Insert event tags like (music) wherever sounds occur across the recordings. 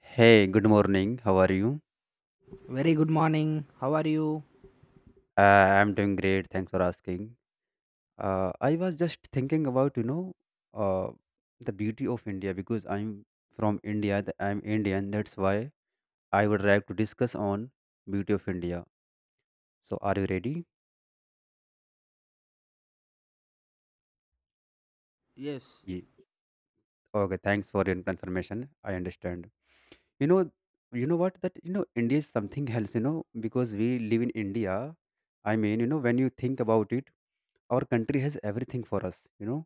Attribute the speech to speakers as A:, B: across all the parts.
A: Hey, good morning. How are you?
B: Very good morning. How are you?
A: I'm doing great. Thanks for asking. I was just thinking about, uh, the beauty of India because I'm from India. I'm Indian. That's why I would like to discuss on beauty of India. So, are you ready?
B: Yes.
A: Ye- Okay. Thanks for your confirmation. I understand. You know, you know what? That, India is something else. Because we live in India. I mean, when you think about it, our country has everything for us. You know,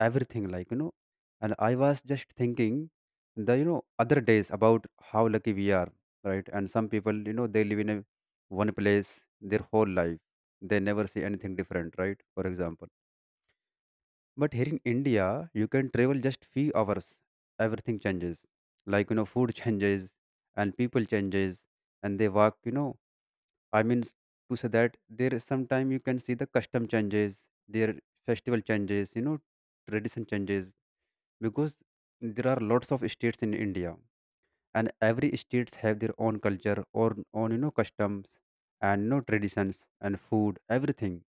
A: everything like. And I was just thinking the other days about how lucky we are, right? And some people, they live in a one place their whole life. They never see anything different, right? For example. But here in India, you can travel just few hours. Everything changes. Like, food changes and people changes, and they walk. I mean to say that there is sometime you can see the custom changes, their festival changes, tradition changes because there are lots of states in India, and every states have their own culture or own, customs, and traditions and food, everything.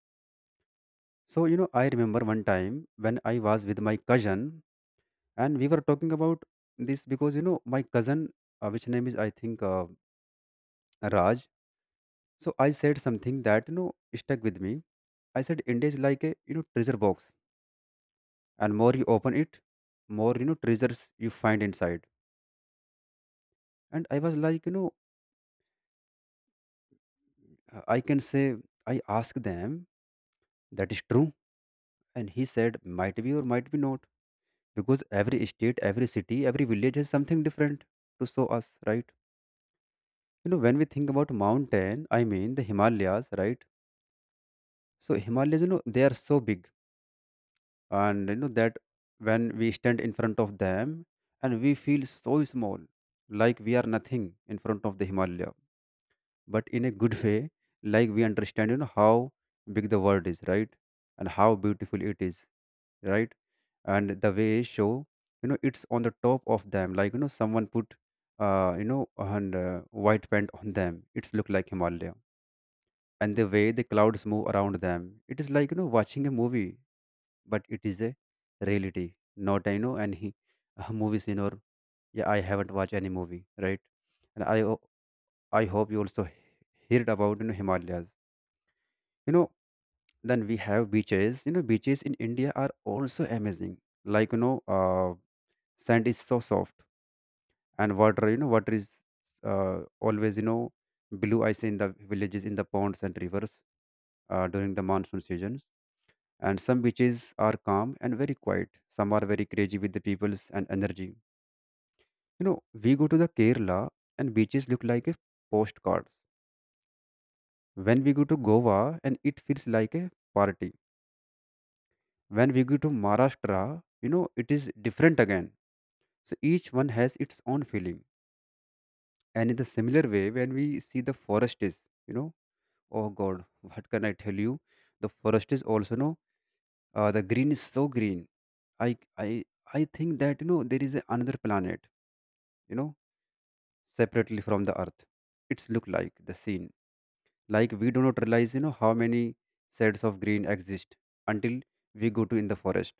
A: So, I remember one time when I was with my cousin. And we were talking about this because my cousin, which name is I think Raj. So I said something that stuck with me. I said India is like a treasure box, and more you open it, more treasures you find inside. And I was like I can say I asked them that is true, and he said might be or might be not because every state, every city, every village has something different to show us, right? When we think about mountain, I mean the Himalayas, right? So Himalayas, they are so big, and that when we stand in front of them, and we feel so small, like we are nothing in front of the Himalaya. But in a good way, like we understand, how big the world is, right, and how beautiful it is, right, and the way show, it's on the top of them, like someone put, and white paint on them. It's look like Himalaya. And the way the clouds move around them, it is like watching a movie, but it is a reality, not I know any (laughs) movie scene or yeah, I haven't watched any movie, right? And I hope you also heard about Himalayas. You know, then we have beaches. Beaches in India are also amazing. Like sand is so soft and water. Water is always blue. I see in the villages, in the ponds and rivers during the monsoon seasons, and some beaches are calm and very quiet. Some are very crazy with the peoples and energy. You know we go to the Kerala, and beaches look like a postcards. When we go to Goa, and it feels like a party. When we go to Maharashtra, it is different again. So each one has its own feeling. And in the similar way, when we see the forest is, you know oh god, what can I tell you. The forest is also no, the green is so green. I i i think that there is another planet, you know separately from the earth. It's look like the scene, like we do not realize how many shades of green exist until we go to in the forest.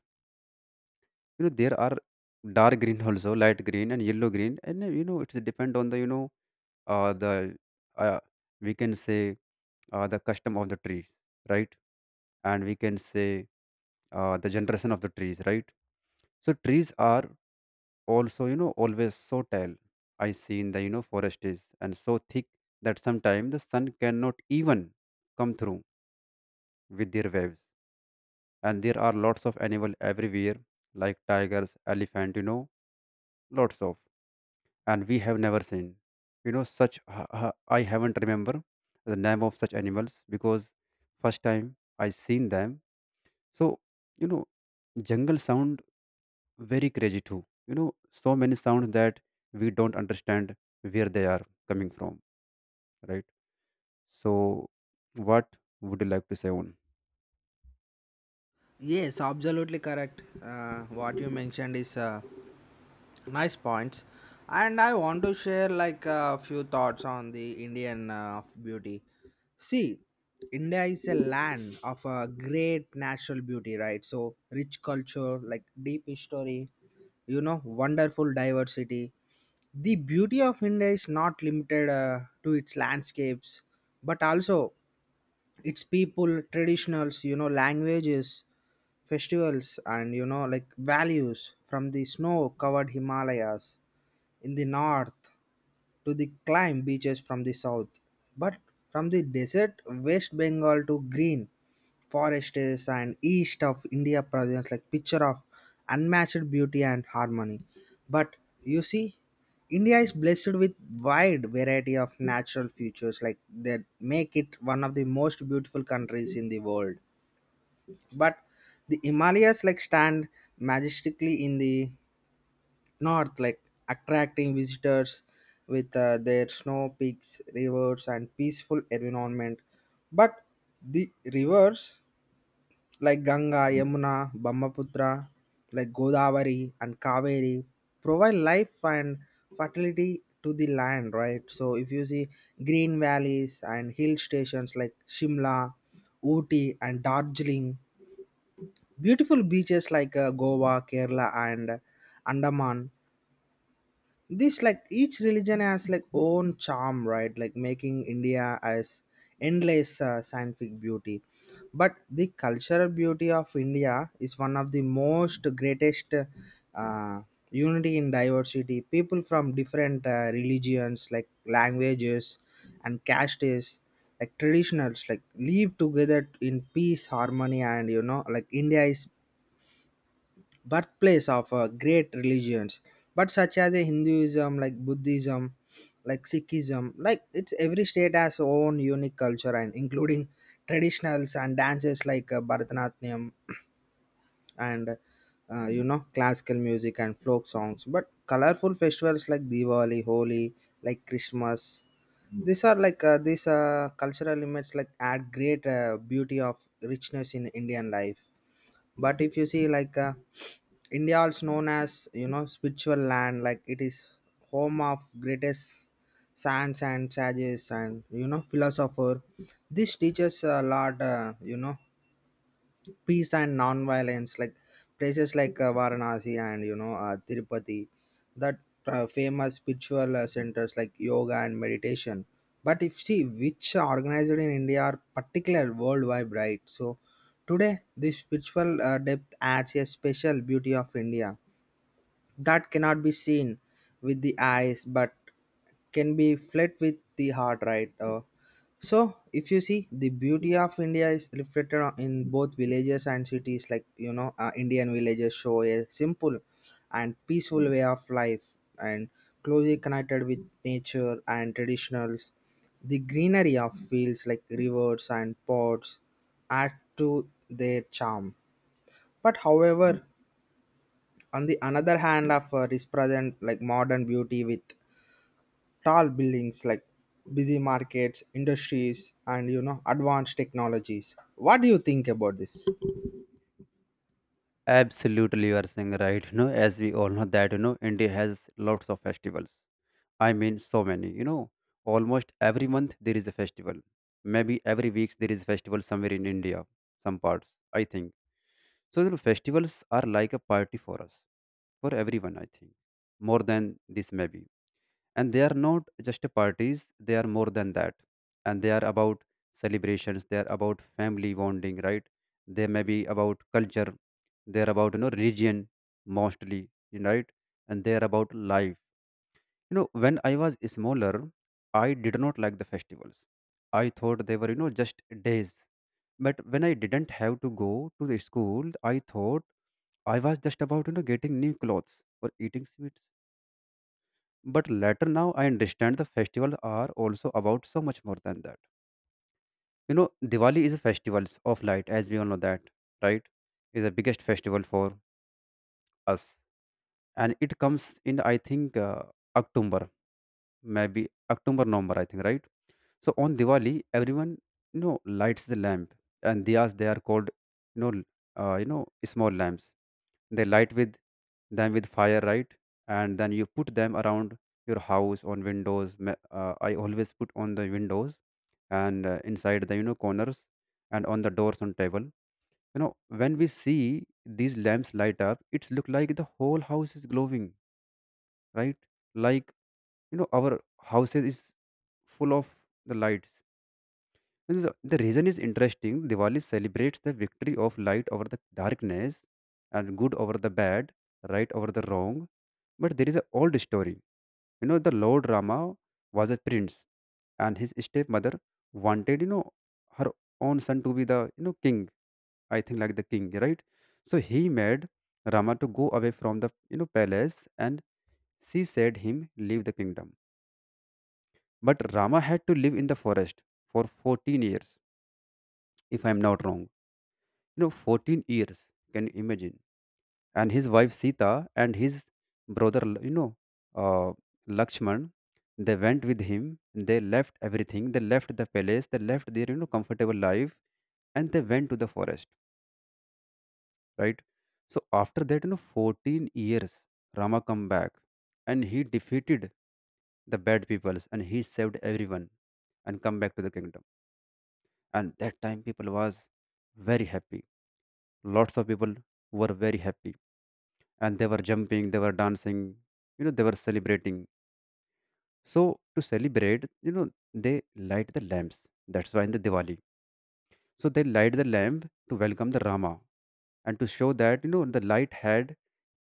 A: There are dark (laughs) green, also light green and yellow green, and it's depend on the uh, the uh, we can say, the custom of the trees, right. And we can say, the generation of the trees, right. So trees are also always so tall. I see in the forest is and so thick that sometimes the sun cannot even come through with their waves. And there are lots of animal everywhere, like tigers, elephant, lots of. And we have never seen, such I haven't remember the name of such animals because first time I seen them. So, you know jungle sound very crazy too. You know, so many sounds that we don't understand where they are coming from, right? So, what would you like to say on?
B: Yes, absolutely correct. What you mentioned is nice points, and I want to share like a few thoughts on the Indian beauty. See, India is a land of a great natural beauty, right? So rich culture, like deep history, you know, wonderful diversity. The beauty of India is not limited to its landscapes, but also its people, traditionals, you know, languages, festivals, and, you know, like values, from the snow covered himalayas in the north to the climb beaches from the south, but from the desert West Bengal to green forests and east of India, presents like picture of unmatched beauty and harmony. But you see, India is blessed with wide variety of natural features like that make it one of the most beautiful countries in the world. But the Himalayas like stand majestically in the north, like attracting visitors with their snow peaks, rivers, and peaceful environment. But the rivers like Ganga, Yamuna, Brahmaputra, like Godavari and Kaveri provide life and fertility to the land, right? So if you see green valleys and hill stations like Shimla, Ooty, and Darjeeling, beautiful beaches like Goa, Kerala, and Andaman, this like each religion has like own charm, right, like making India as endless scientific beauty. But the cultural beauty of India is one of the most greatest uh, unity in diversity. People from different religions, like languages and castes, like traditionals, like live together in peace, harmony, and, you know, like India is birthplace of great religions, but such as a Hinduism, like Buddhism, like Sikhism. Like, it's every state has own unique culture and including traditionals and dances, like Bharatanatyam and you know, classical music and folk songs, but colorful festivals like Diwali, Holi, like Christmas. These are like these cultural elements like add great beauty of richness in Indian life. But if you see, like India is known as, you know, spiritual land, like it is home of greatest saints and sages and, you know, philosopher. This teaches a lot, you know, peace and non-violence, like places like Varanasi and, you know, Tirupati, that famous spiritual centers like yoga and meditation. But if see which are organized in India are particular worldwide, right? So today, this spiritual depth adds a special beauty of India that cannot be seen with the eyes, but can be fled with the heart, right? So if you see, the beauty of India is reflected in both villages and cities. Like, you know, Indian villages show a simple and peaceful way of life and closely connected with nature and traditionals. The greenery of fields like rivers and ponds add to their charm, but however, on the another hand of represent like modern beauty with tall buildings, like busy markets, industries, and, you know, advanced technologies. What do you think about this?
A: Absolutely, you are saying right. As we all know that, India has lots of festivals. I mean, so many. Almost every month there is a festival. Maybe every week there is a festival somewhere in India, some parts. I think so. Festivals are like a party for us, for everyone. I think more than this, maybe. And they are not just parties. They are more than that, and they are about celebrations. They are about family bonding, right? They may be about culture. They are about religion, mostly, right? And they are about life. When I was smaller, I did not like the festivals. I thought they were just days. But when I didn't have to go to the school, I thought I was just about getting new clothes or eating sweets. But later now I understand the festivals are also about so much more than that. Diwali is a festival of light, as we all know that, right? Is the biggest festival for us, and it comes in, I think, October, maybe October, November, I think, right? So on Diwali, everyone lights the lamp and diyas. They are called, you know small lamps. They light with them with fire, right? And then you put them around your house on windows. I always put on the windows, and inside the corners, and on the doors on table. When we see these lamps light up, it's look like the whole house is glowing, right? Like our houses is full of the lights. And the reason is interesting. Diwali celebrates the victory of light over the darkness and good over the bad, right, over the wrong. But there is an old story. The Lord Rama was a prince, and his stepmother wanted, her own son to be the king. I think like the king, right? So he made Rama to go away from the palace. And she said him, leave the kingdom. But Rama had to live in the forest for 14 years, if I'm not wrong. 14 years, can you imagine? And his wife Sita and his brother, uh, Lakshman, they went with him. They left everything. They left the palace. They left their, comfortable life, and they went to the forest, right? So after that, 14 years, Rama come back, and he defeated the bad peoples, and he saved everyone, and come back to the kingdom. And that time people was very happy, lots of people were very happy, and they were jumping, they were dancing, they were celebrating. So, to celebrate, they light the lamps. That's why in the Diwali, so they light the lamp to welcome the Rama, and to show that the light had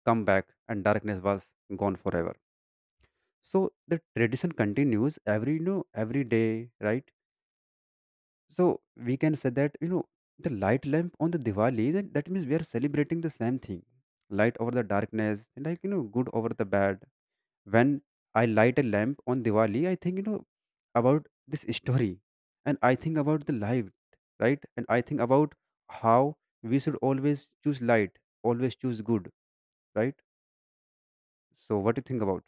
A: come back and darkness was gone forever. So, the tradition continues every you know every day, right? So, we can say that the light lamp on the Diwali, that means we are celebrating the same thing. Light over the darkness, like good over the bad. When I light a lamp on Diwali, I think about this story, and I think about the light, right? And I think about how we should always choose light, always choose good, right? So what do you think about?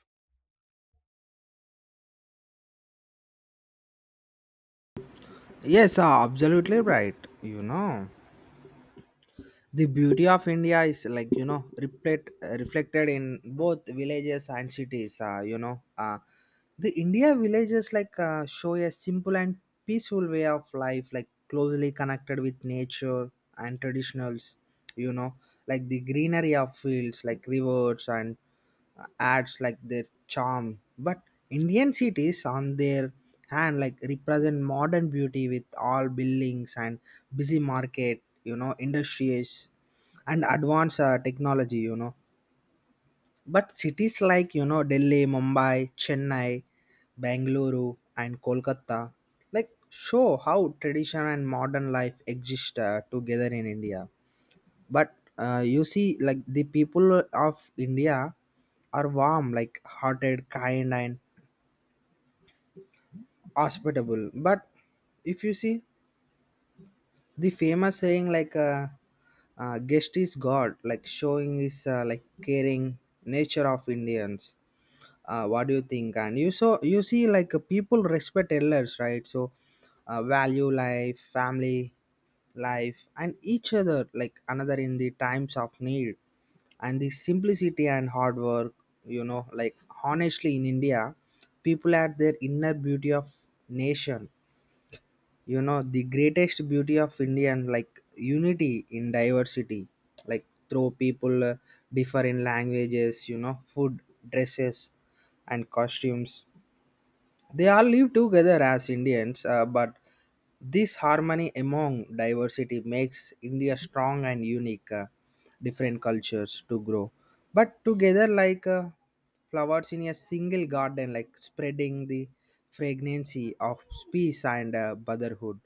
B: Yes, absolutely right. You know, the beauty of India is like, you know, reflected in both villages and cities. You know, the India villages like show a simple and peaceful way of life, like closely connected with nature and traditionals, you know, like the greenery of fields like rivers and uh, adds like their charm. But Indian cities on their hand like represent modern beauty with all buildings and busy market, you know, industries, and advanced technology, you know. But cities like, you know, Delhi, Mumbai, Chennai, Bangalore, and Kolkata, like, show how tradition and modern life exist together in India. But you see, like the people of India are warm, like hearted, kind, and hospitable. But if you see, the famous saying, like guest is god, like showing is like caring nature of Indians. What do you think? And you, so you see, like people respect elders, right? So value life, family life, and each other, like another in the times of need, and the simplicity and hard work, you know, like honestly in India, people had their inner beauty of nation. You know, the greatest beauty of India, and like unity in diversity, like through people differ in languages, you know, food, dresses, and costumes. They all live together as Indians, but this harmony among diversity makes India strong and unique, different cultures to grow. But together, like flowers in a single garden, like spreading the fragrancy of peace and brotherhood.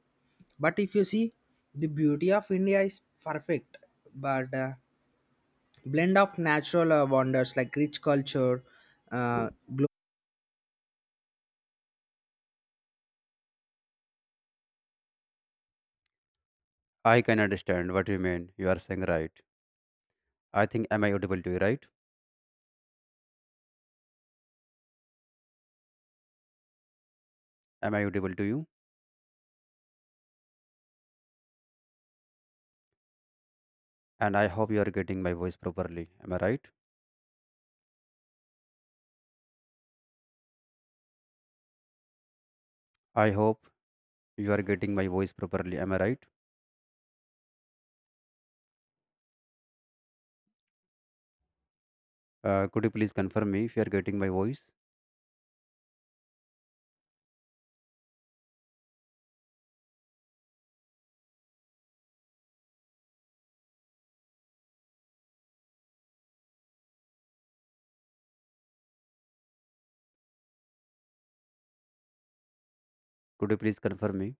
B: But if you see, the beauty of India is perfect, but blend of natural wonders, like rich culture, uh,
A: I can understand what you mean. You are saying right. I think, am I audible to you, right? Am I audible to you? And I hope you are getting my voice properly. Am I right? I hope you are getting my voice properly. Am I right? Could you please confirm me if you are getting my voice? Could you please confirm me?